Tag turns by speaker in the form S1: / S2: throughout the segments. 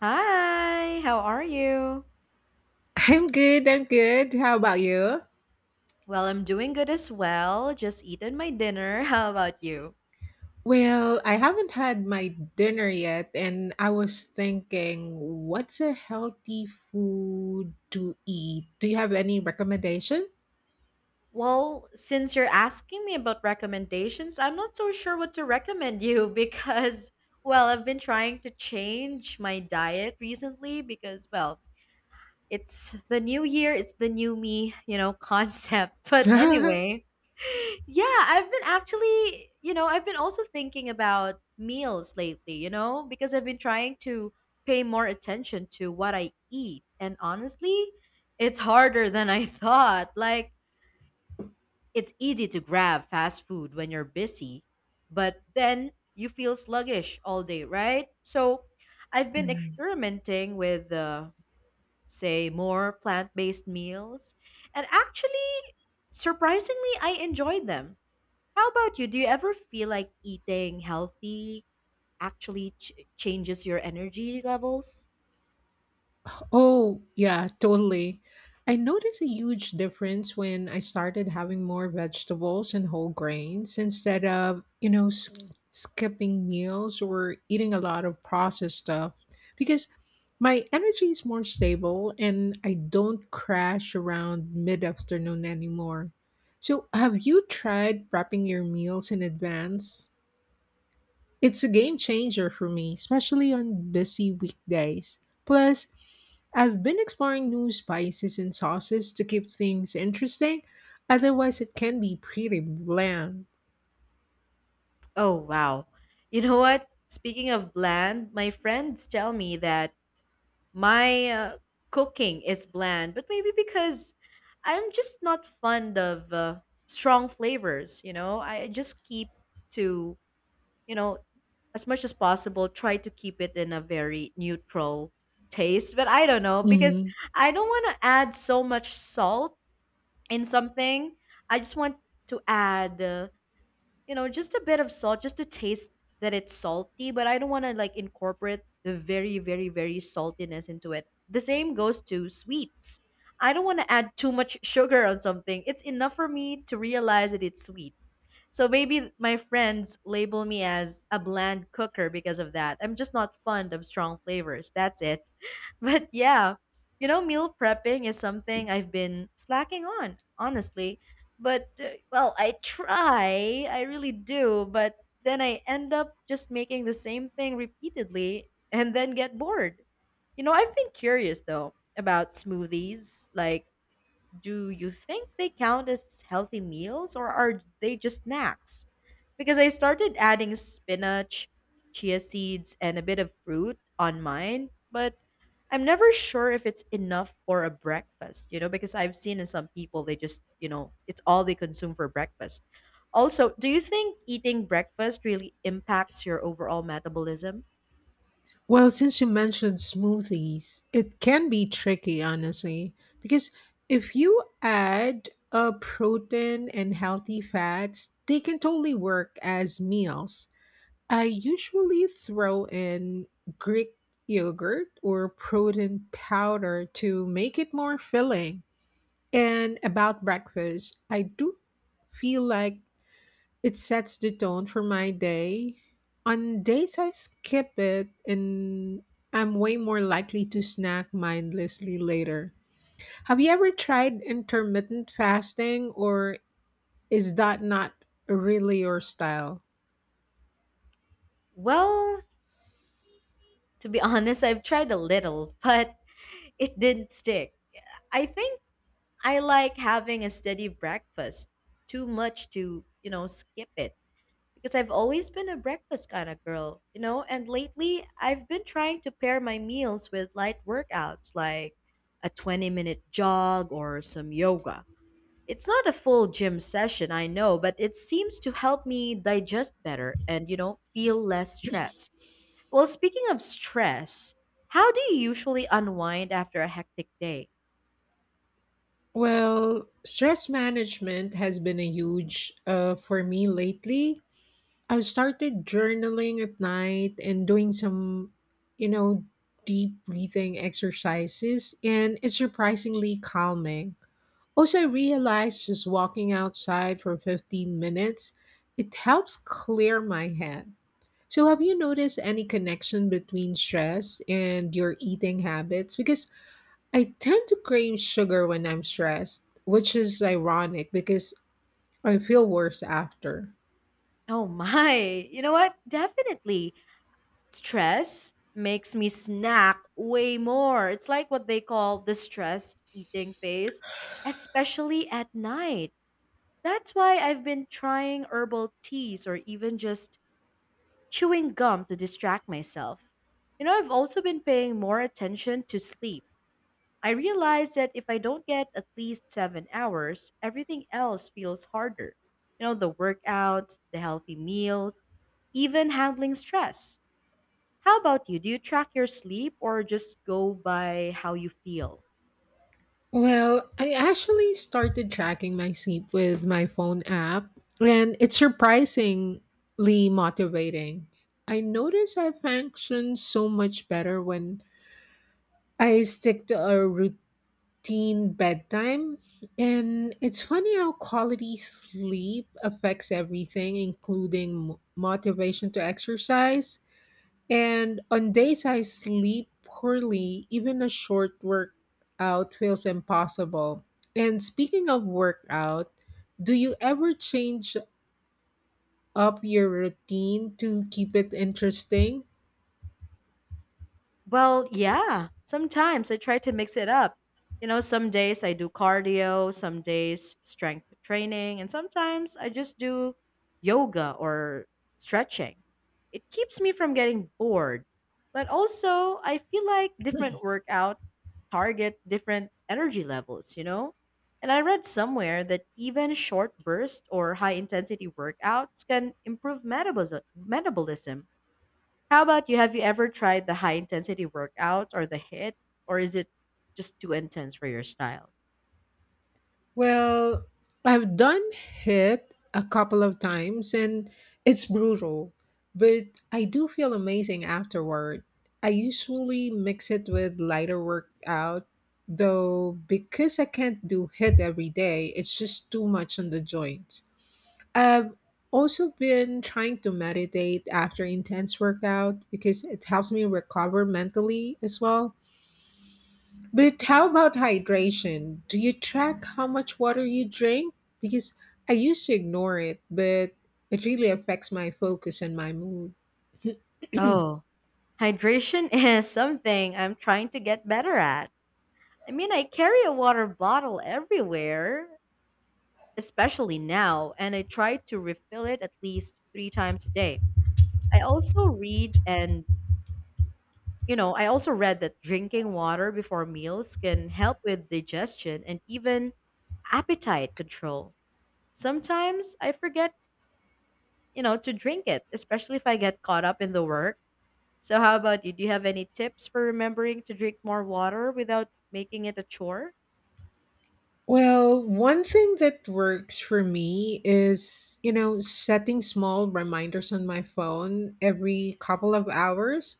S1: Hi, how are you?
S2: I'm good, I'm good. How about you?
S1: Well, I'm doing good as well. Just eaten my dinner. How about you?
S2: Well, I haven't had my dinner yet, and I was thinking, what's a healthy food to eat? Do you have any recommendation?
S1: Well, since you're asking me about recommendations, I'm not so sure what to recommend you because, I've been trying to change my diet recently because, it's the new year, it's the new me, concept. But anyway, yeah, I've been actually, I've been also thinking about meals lately, because I've been trying to pay more attention to what I eat. And honestly, it's harder than I thought. Like, it's easy to grab fast food when you're busy, but then you feel sluggish all day, right? So, I've been
S2: Mm.
S1: experimenting with say more plant-based meals. And actually, surprisingly, I enjoyed them. How about you? Do you ever feel like eating healthy actually changes your energy levels?
S2: Oh, yeah, totally. I noticed a huge difference when I started having more vegetables and whole grains instead of, skipping meals or eating a lot of processed stuff because my energy is more stable and I don't crash around mid-afternoon anymore. So, have you tried prepping your meals in advance? It's a game changer for me, especially on busy weekdays. Plus, I've been exploring new spices and sauces to keep things interesting, otherwise, it can be pretty bland.
S1: Oh, wow. You know what? Speaking of bland, my friends tell me that my cooking is bland, but maybe because I'm just not fond of strong flavors, you know? I just keep to, you know, as much as possible, try to keep it in a very neutral taste, but I don't know because
S2: Mhm.
S1: I don't want to add so much salt in something. I just want to add just a bit of salt just to taste that it's salty, but I don't want to, like, incorporate the very saltiness into it. The same goes to sweets. I don't want to add too much sugar on something. It's enough for me to realize that it's sweet. So maybe my friends label me as a bland cooker because of that. I'm just not fond of strong flavors. That's it. But yeah, meal prepping is something I've been slacking on, honestly. But, well, I really do, but then I end up just making the same thing repeatedly and then get bored. You know, I've been curious though about smoothies, like, do you think they count as healthy meals or are they just snacks? Because I started adding spinach, chia seeds, and a bit of fruit on mine, but I'm never sure if it's enough for a breakfast, because I've seen in some people they just, it's all they consume for breakfast. Also, do you think eating breakfast really impacts your overall metabolism?
S2: Well, since you mentioned smoothies, it can be tricky, honestly, because if you add a protein and healthy fats, they can totally work as meals. I usually throw in Greek yogurt or protein powder to make it more filling. And about breakfast, I do feel like it sets the tone for my day. On days I skip it and I'm way more likely to snack mindlessly later. Have you ever tried intermittent fasting or is that not really your style?
S1: Well, to be honest, I've tried a little, but it didn't stick. I think I like having a steady breakfast, too much to, skip it. Because I've always been a breakfast kind of girl, and lately I've been trying to pair my meals with light workouts like a 20-minute jog or some yoga. It's not a full gym session, I know, but it seems to help me digest better and, feel less stressed. Well, speaking of stress, how do you usually unwind after a hectic day?
S2: Well, stress management has been a huge for me lately. I've started journaling at night and doing some, you know, deep breathing exercises, and it's surprisingly calming. Also, I realized just walking outside for 15 minutes, it helps clear my head. So, have you noticed any connection between stress and your eating habits? Because I tend to crave sugar when I'm stressed, which is ironic because I feel worse after.
S1: Oh my. You know what? Definitely. Stress makes me snack way more. It's like what they call the stress eating phase, especially at night. That's why I've been trying herbal teas or even just chewing gum to distract myself. You know, I've also been paying more attention to sleep. I realize that if I don't get at least 7 hours, everything else feels harder. You know, the workouts, the healthy meals, even handling stress. How about you? Do you track your sleep or just go by how you feel?
S2: Well, I actually started tracking my sleep with my phone app, and it's surprisingly motivating. I notice I function so much better when I stick to a routine bedtime. And it's funny how quality sleep affects everything, including motivation to exercise. And on days I sleep poorly, even a short workout feels impossible. And speaking of workout, do you ever change up your routine to keep it interesting?
S1: Well, yeah. Sometimes I try to mix it up. You know, some days I do cardio, some days strength training, and sometimes I just do yoga or stretching. It keeps me from getting bored. But also, I feel like different workout target different energy levels, you know? And I read somewhere that even short burst or high intensity workouts can improve metabolism. How about you? Have you ever tried the high intensity workouts or the HIT, or is it just too intense for your style?
S2: Well, I've done HIT a couple of times and it's brutal, but I do feel amazing afterward. I usually mix it with lighter workout, though, because I can't do HIT every day, it's just too much on the joints. I've also been trying to meditate after intense workout because it helps me recover mentally as well. But how about hydration? Do you track how much water you drink? Because I used to ignore it, but it really affects my focus and my mood.
S1: Oh, hydration is something I'm trying to get better at. I mean, I carry a water bottle everywhere, especially now, and I try to refill it at least three times a day. I also read and you know, I also read that drinking water before meals can help with digestion and even appetite control. Sometimes I forget, to drink it, especially if I get caught up in the work. So how about you? Do you have any tips for remembering to drink more water without making it a chore?
S2: Well, one thing that works for me is, setting small reminders on my phone every couple of hours.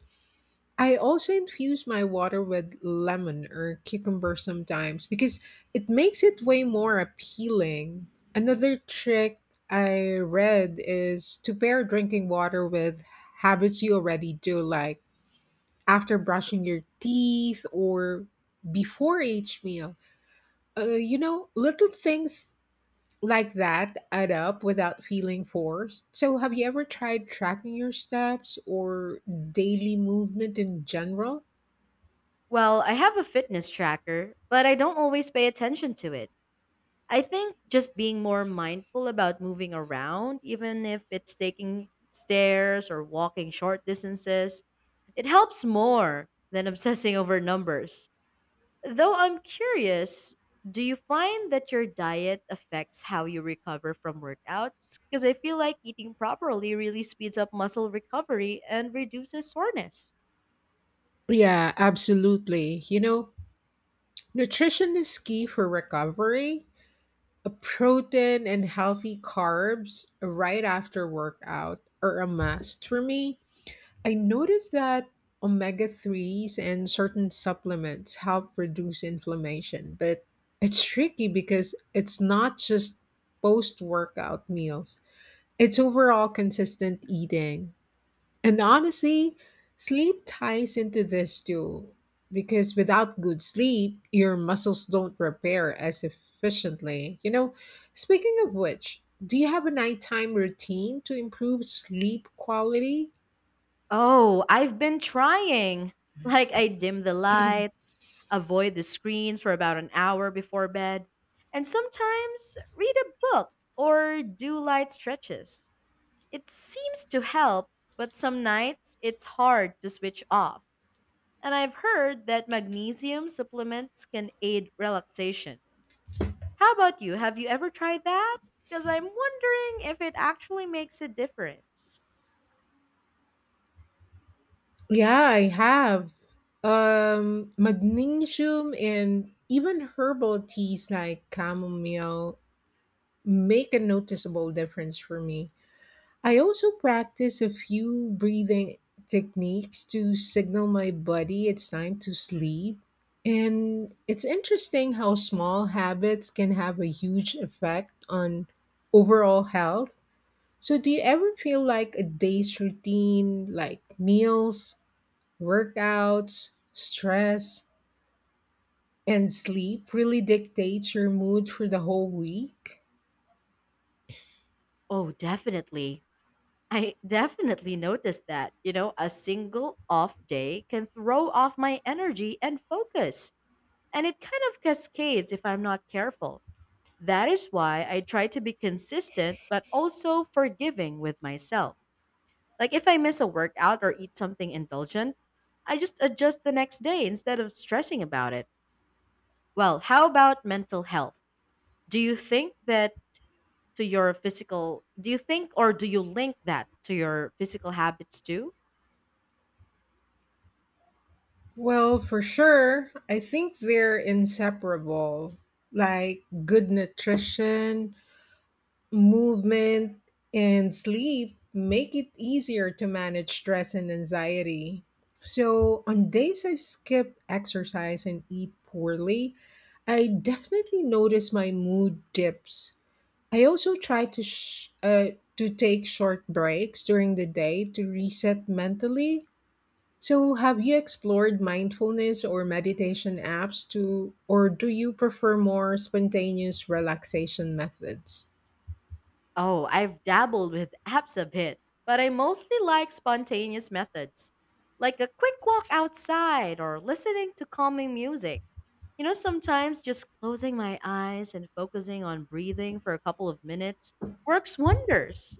S2: I also infuse my water with lemon or cucumber sometimes because it makes it way more appealing. Another trick I read is to pair drinking water with habits you already do, like after brushing your teeth or before each meal. Little things like that add up without feeling forced. So, have you ever tried tracking your steps or daily movement in general?
S1: Well, I have a fitness tracker, but I don't always pay attention to it. I think just being more mindful about moving around, even if it's taking stairs or walking short distances, it helps more than obsessing over numbers. Though I'm curious, do you find that your diet affects how you recover from workouts? Because I feel like eating properly really speeds up muscle recovery and reduces soreness.
S2: Yeah, absolutely. Nutrition is key for recovery. A protein and healthy carbs right after workout are a must for me. I noticed that omega 3s and certain supplements help reduce inflammation, but it's tricky because it's not just post workout meals, it's overall consistent eating. And honestly, sleep ties into this too, because without good sleep, your muscles don't repair as efficiently. Speaking of which, do you have a nighttime routine to improve sleep quality?
S1: Oh, I've been trying. Like, I dim the lights, avoid the screens for about an hour before bed, and sometimes read a book or do light stretches. It seems to help, but some nights it's hard to switch off. And I've heard that magnesium supplements can aid relaxation. How about you? Have you ever tried that? Because I'm wondering if it actually makes a difference.
S2: Yeah, I have. Magnesium and even herbal teas like chamomile make a noticeable difference for me. I also practice a few breathing techniques to signal my body it's time to sleep. And it's interesting how small habits can have a huge effect on overall health. So, do you ever feel like a day's routine, like meals, workouts, stress, and sleep, really dictates your mood for the whole week?
S1: Oh, definitely. I definitely noticed that. You know, a single off day can throw off my energy and focus. And it kind of cascades if I'm not careful. That is why I try to be consistent, but also forgiving with myself. Like, if I miss a workout or eat something indulgent, I just adjust the next day instead of stressing about it. Well, how about mental health? Do you think that do you think or do you link that to your physical habits too?
S2: Well, for sure, I think they're inseparable. Like good nutrition, movement, and sleep make it easier to manage stress and anxiety. So, on days I skip exercise and eat poorly, I definitely notice my mood dips. I also try to to take short breaks during the day to reset mentally. So, have you explored mindfulness or meditation apps to, or do you prefer more spontaneous relaxation methods?
S1: Oh, I've dabbled with apps a bit, but I mostly like spontaneous methods, like a quick walk outside or listening to calming music. You know, sometimes just closing my eyes and focusing on breathing for a couple of minutes works wonders.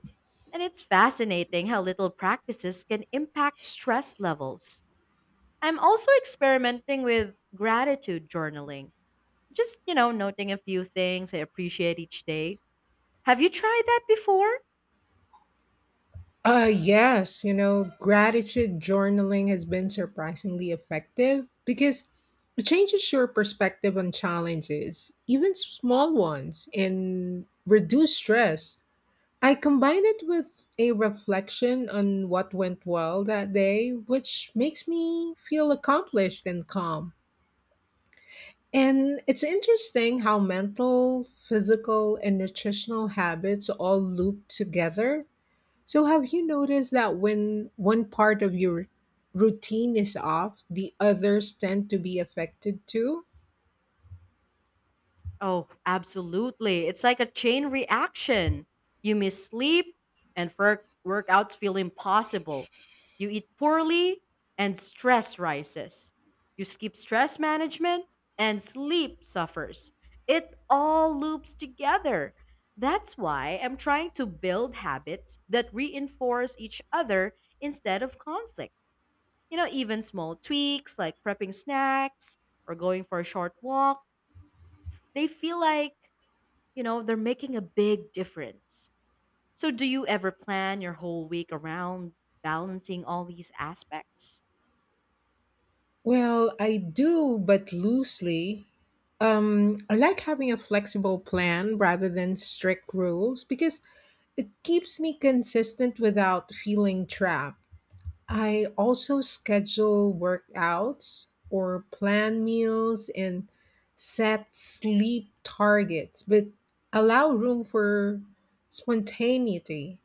S1: And it's fascinating how little practices can impact stress levels. I'm also experimenting with gratitude journaling, just, noting a few things I appreciate each day. Have you tried that before?
S2: Yes, gratitude journaling has been surprisingly effective because it changes your perspective on challenges, even small ones, and reduce stress. I combine it with a reflection on what went well that day, which makes me feel accomplished and calm. And it's interesting how mental, physical, and nutritional habits all loop together. So, have you noticed that when one part of your routine is off, the others tend to be affected too?
S1: Oh, absolutely. It's like a chain reaction. You miss sleep, and workouts feel impossible. You eat poorly, and stress rises. You skip stress management, and sleep suffers. It all loops together. That's why I'm trying to build habits that reinforce each other instead of conflict. You know, even small tweaks like prepping snacks or going for a short walk, they feel like, they're making a big difference. So, do you ever plan your whole week around balancing all these aspects?
S2: Well, I do, but loosely. I like having a flexible plan rather than strict rules because it keeps me consistent without feeling trapped. I also schedule workouts or plan meals and set sleep targets, but allow room for spontaneity.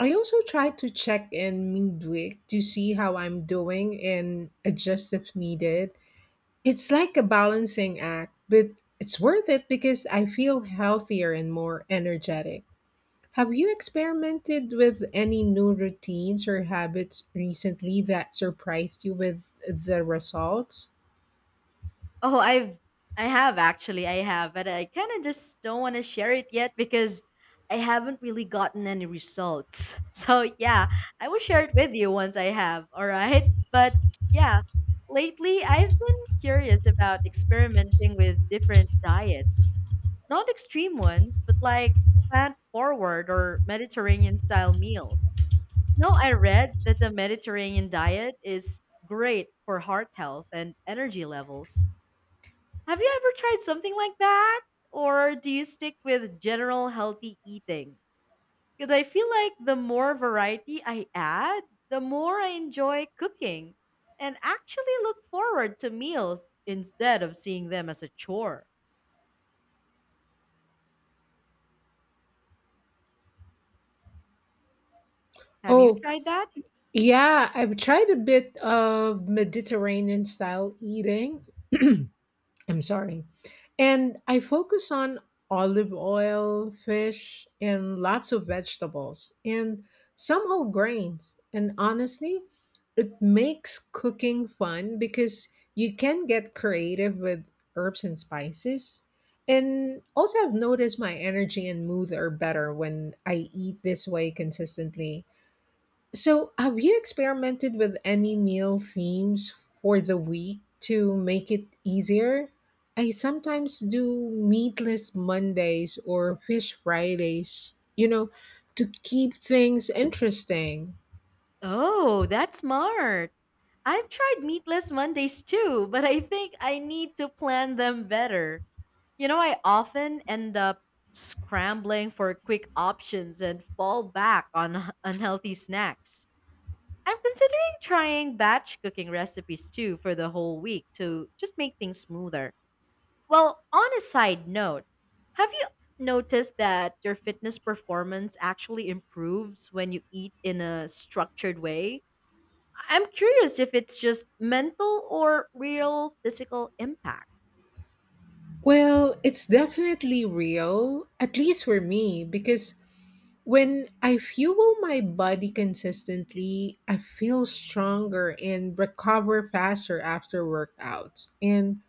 S2: I also try to check in midweek to see how I'm doing and adjust if needed. It's like a balancing act, but it's worth it because I feel healthier and more energetic. Have you experimented with any new routines or habits recently that surprised you with the results?
S1: Oh, I've I have actually. I have, but I kind of just don't want to share it yet because I haven't really gotten any results. So, yeah, I will share it with you once I have, all right? But yeah, lately I've been curious about experimenting with different diets. Not extreme ones, but like plant forward or Mediterranean style meals. No, I read that the Mediterranean diet is great for heart health and energy levels. Have you ever tried something like that? Or do you stick with general healthy eating? Because I feel like the more variety I add, the more I enjoy cooking and actually look forward to meals instead of seeing them as a chore. Have you
S2: Oh,
S1: tried that?
S2: yeah, I've tried a bit of Mediterranean style eating. I'm sorry. And I focus on olive oil, fish, and lots of vegetables, and some whole grains. And honestly, it makes cooking fun because you can get creative with herbs and spices. And also, I've noticed my energy and mood are better when I eat this way consistently. So, have you experimented with any meal themes for the week to make it easier? I sometimes do meatless Mondays or fish Fridays, to keep things interesting.
S1: Oh, that's smart. I've tried meatless Mondays too, but I think I need to plan them better. You know, I often end up scrambling for quick options and fall back on unhealthy snacks. I'm considering trying batch cooking recipes too for the whole week to just make things smoother. Well, on a side note, have you noticed that your fitness performance actually improves when you eat in a structured way? I'm curious if it's just mental or real physical impact.
S2: Well, it's definitely real, at least for me, because when I fuel my body consistently, I feel stronger and recover faster after workouts. And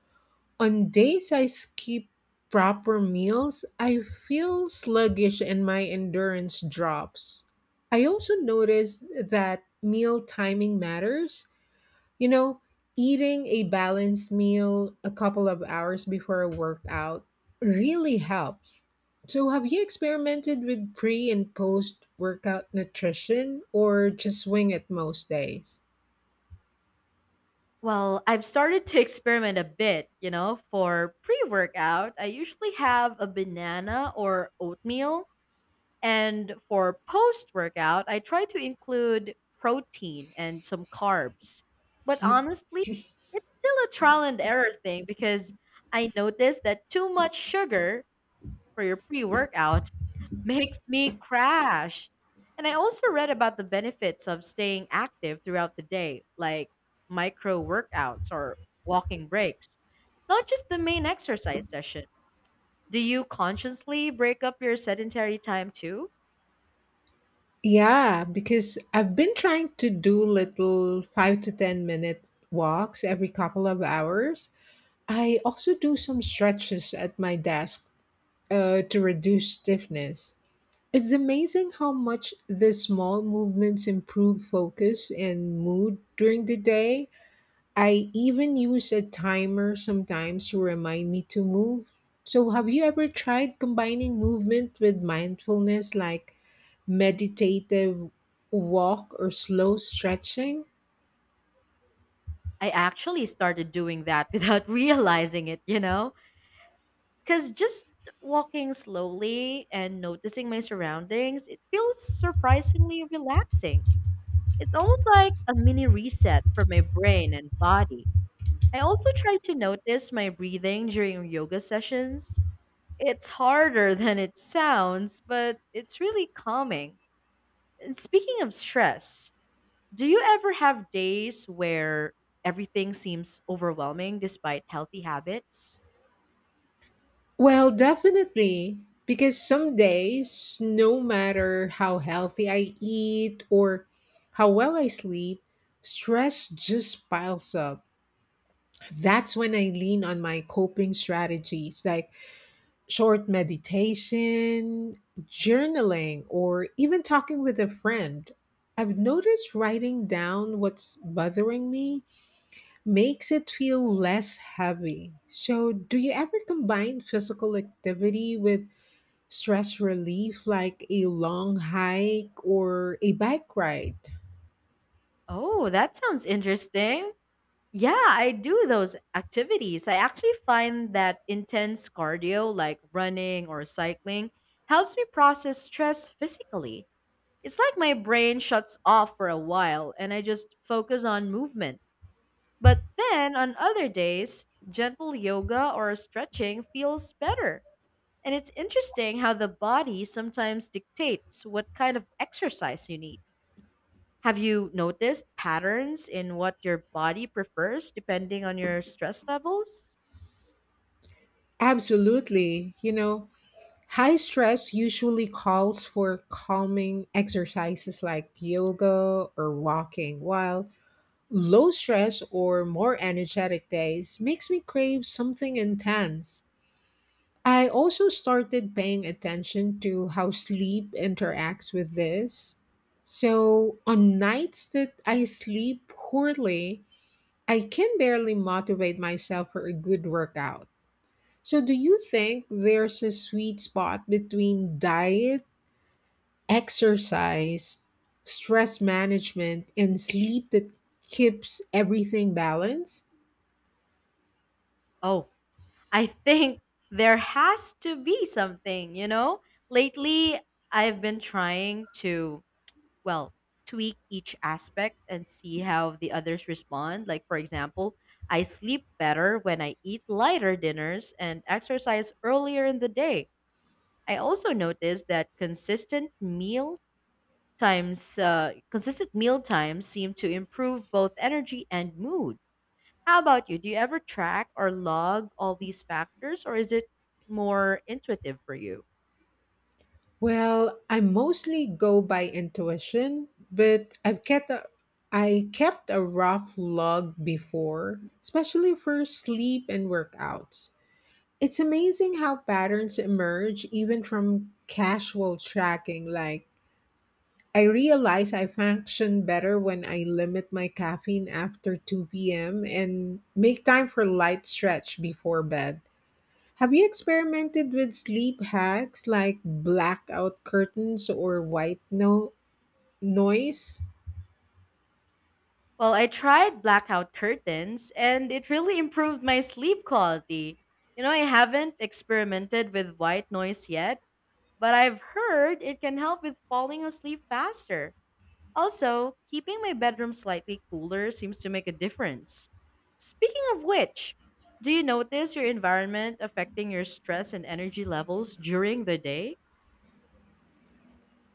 S2: on days I skip proper meals, I feel sluggish and my endurance drops. I also notice that meal timing matters. You know, Eating a balanced meal a couple of hours before a workout really helps. So, have you experimented with pre and post workout nutrition or just swing it most days?
S1: Well, I've started to experiment a bit, for pre workout. I usually have a banana or oatmeal. And for post workout, I try to include protein and some carbs. But honestly, it's still a trial and error thing because I noticed that too much sugar for your pre workout makes me crash. And I also read about the benefits of staying active throughout the day, like micro workouts or walking breaks, not just the main exercise session. Do you consciously break up your sedentary time too?
S2: Yeah, because I've been trying to do little 5 to 10 minute walks every couple of hours. I also do some stretches at my desk to reduce stiffness. It's amazing how much the small movements improve focus and mood during the day. I even use a timer sometimes to remind me to move. So, have you ever tried combining movement with mindfulness like meditative walk or slow stretching?
S1: I actually started doing that without realizing it, you know? Because just walking slowly and noticing my surroundings, it feels surprisingly relaxing. It's almost like a mini reset for my brain and body. I also try to notice my breathing during yoga sessions. It's harder than it sounds, but it's really calming. And speaking of stress, do you ever have days where everything seems overwhelming despite healthy habits?
S2: Well, definitely. Because some days, no matter how healthy I eat or how well I sleep, stress just piles up. That's when I lean on my coping strategies like short meditation, journaling, or even talking with a friend. I've noticed writing down what's bothering me makes it feel less heavy. So, do you ever combine physical activity with stress relief like a long hike or a bike ride?
S1: Oh, that sounds interesting. Yeah, I do those activities. I actually find that intense cardio, like running or cycling, helps me process stress physically. It's like my brain shuts off for a while and I just focus on movement. But then on other days, gentle yoga or stretching feels better. And it's interesting how the body sometimes dictates what kind of exercise you need. Have you noticed patterns in what your body prefers depending on your stress levels?
S2: Absolutely. High stress usually calls for calming exercises like yoga or walking, while low stress or more energetic days makes me crave something intense. I also started paying attention to how sleep interacts with this. So, on nights that I sleep poorly, I can barely motivate myself for a good workout. So, do you think there's a sweet spot between diet, exercise, stress management, and sleep that keeps everything balanced?
S1: Oh, I think there has to be something, you know? Lately, I've been trying to well, tweak each aspect and see how the others respond. Like, for example, I sleep better when I eat lighter dinners and exercise earlier in the day. I also noticed that consistent meal times seem to improve both energy and mood. How about you? Do you ever track or log all these factors, or is it more intuitive for you?
S2: Well, I mostly go by intuition, but I kept a rough log before, especially for sleep and workouts. It's amazing how patterns emerge even from casual tracking. Like, I realize I function better when I limit my caffeine after 2 p.m. and make time for light stretch before bed. Have you experimented with sleep hacks like blackout curtains or white noise?
S1: Well, I tried blackout curtains and it really improved my sleep quality. You know, I haven't experimented with white noise yet, but I've heard it can help with falling asleep faster. Also, keeping my bedroom slightly cooler seems to make a difference. Speaking of which, do you notice your environment affecting your stress and energy levels during the day?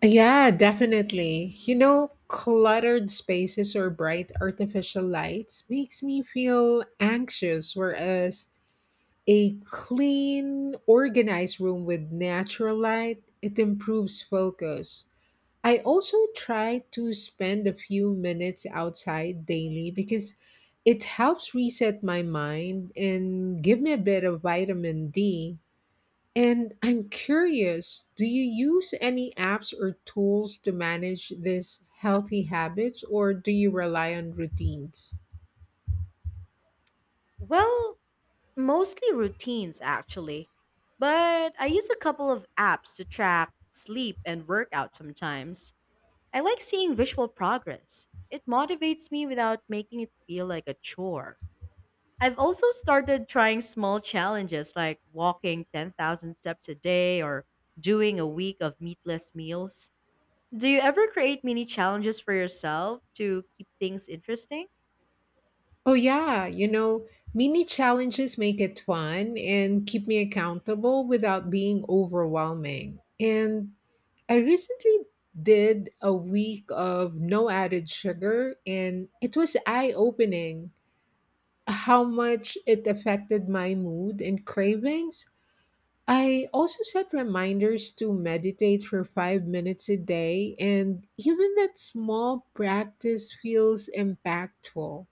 S2: Yeah, definitely. Cluttered spaces or bright artificial lights makes me feel anxious, whereas a clean, organized room with natural light, it improves focus. I also try to spend a few minutes outside daily because it helps reset my mind and give me a bit of vitamin D. And I'm curious, do you use any apps or tools to manage these healthy habits or do you rely on routines?
S1: Well, mostly routines, actually. But I use a couple of apps to track sleep and workout sometimes. I like seeing visual progress. It motivates me without making it feel like a chore. I've also started trying small challenges like walking 10,000 steps a day or doing a week of meatless meals. Do you ever create mini challenges for yourself to keep things interesting?
S2: Oh, yeah. Mini challenges make it fun and keep me accountable without being overwhelming. And I recently did a week of no added sugar, and it was eye opening how much it affected my mood and cravings. I also set reminders to meditate for 5 minutes a day, and even that small practice feels impactful.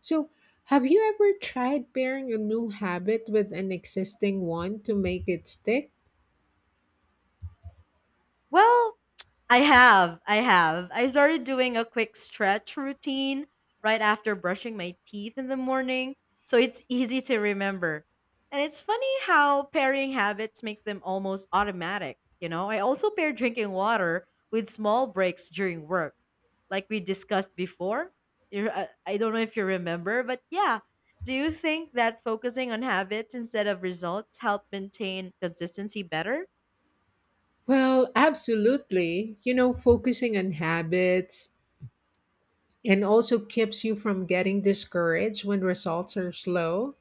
S2: So, have you ever tried pairing a new habit with an existing one to make it stick?
S1: Well, I have. I have. I started doing a quick stretch routine right after brushing my teeth in the morning, so it's easy to remember. And it's funny how pairing habits makes them almost automatic, you know? I also pair drinking water with small breaks during work, like we discussed before. I don't know if you remember, but yeah. Do you think that focusing on habits instead of results help maintain consistency better?
S2: Well, absolutely. Focusing on habits and also keeps you from getting discouraged when results are slow.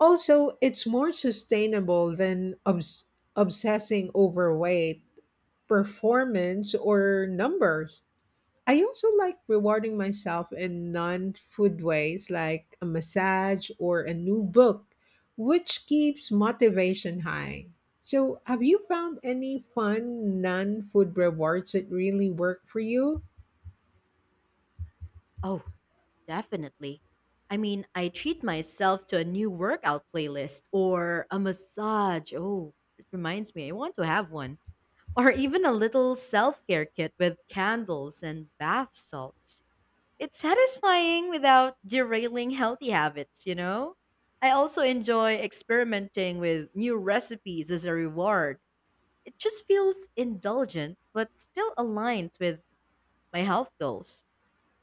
S2: Also, it's more sustainable than obsessing over weight, performance or numbers. I also like rewarding myself in non food ways like a massage or a new book, which keeps motivation high. So, have you found any fun non food rewards that really work for you?
S1: Oh, definitely. I mean, I treat myself to a new workout playlist or a massage. Oh, it reminds me, I want to have one. Or even a little self care kit with candles and bath salts. It's satisfying without derailing healthy habits, you know? I also enjoy experimenting with new recipes as a reward. It just feels indulgent, but still aligns with my health goals.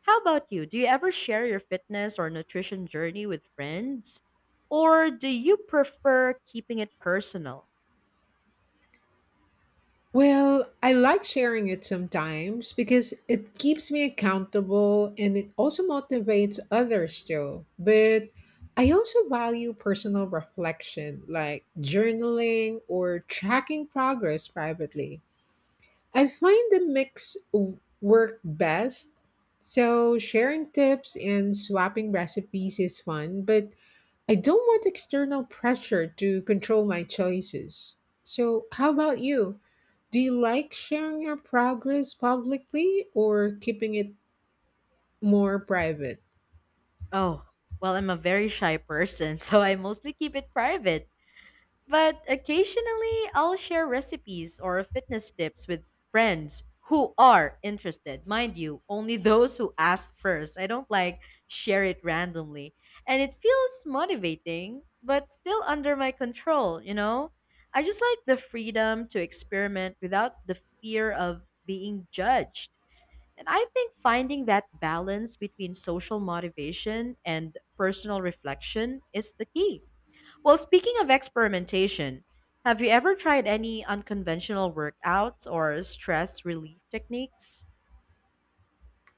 S1: How about you? Do you ever share your fitness or nutrition journey with friends? Or do you prefer keeping it personal?
S2: Well, I like sharing it sometimes because it keeps me accountable and it also motivates others too. But I also value personal reflection like journaling or tracking progress privately. I find the mix work best. So sharing tips and swapping recipes is fun, but I don't want external pressure to control my choices. So, how about you? Do you like sharing your progress publicly or keeping it more private?
S1: Oh, well, I'm a very shy person, so I mostly keep it private. But occasionally, I'll share recipes or fitness tips with friends who are interested. Mind you, only those who ask first. I don't like share it randomly. And it feels motivating, but still under my control, you know? I just like the freedom to experiment without the fear of being judged. And I think finding that balance between social motivation and personal reflection is the key. Well, speaking of experimentation, have you ever tried any unconventional workouts or stress relief techniques?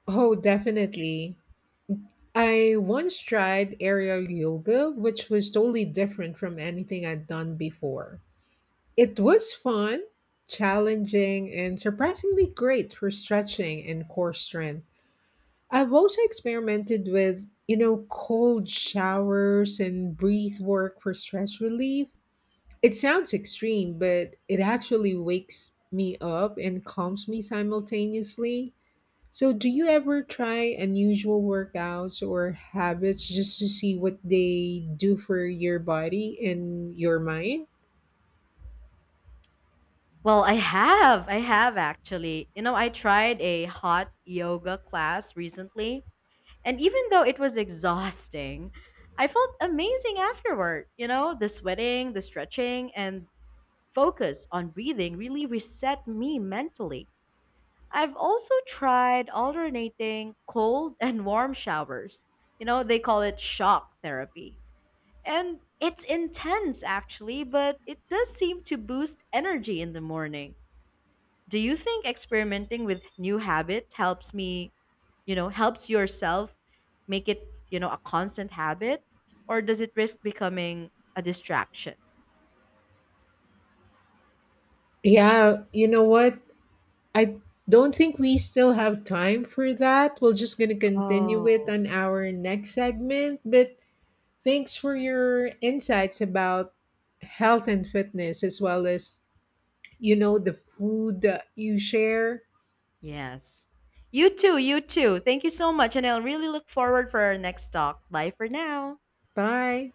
S2: Oh, definitely. I once tried aerial yoga, which was totally different from anything I'd done before. It was fun, challenging, and surprisingly great for stretching and core strength. I've also experimented with, cold showers and breath work for stress relief. It sounds extreme, but it actually wakes me up and calms me simultaneously. So, do you ever try unusual workouts or habits just to see what they do for your body and your mind?
S1: Well, I have. I have actually. You know, I tried a hot yoga class recently, and even though it was exhausting, I felt amazing afterward. You know, the sweating, the stretching, and focus on breathing really reset me mentally. I've also tried alternating cold and warm showers. You know, they call it shock therapy. And it's intense, actually, but it does seem to boost energy in the morning. Do you think experimenting with new habits helps yourself make it a constant habit? Or does it risk becoming a distraction?
S2: Yeah, you know what? I don't think we still have time for that. We're just going to continue it
S1: Oh.
S2: on our next segment, but thanks for your insights about health and fitness as well as the food that you share.
S1: Yes. You too, you too. Thank you so much, and I'll really look forward for our next talk. Bye for now.
S2: Bye.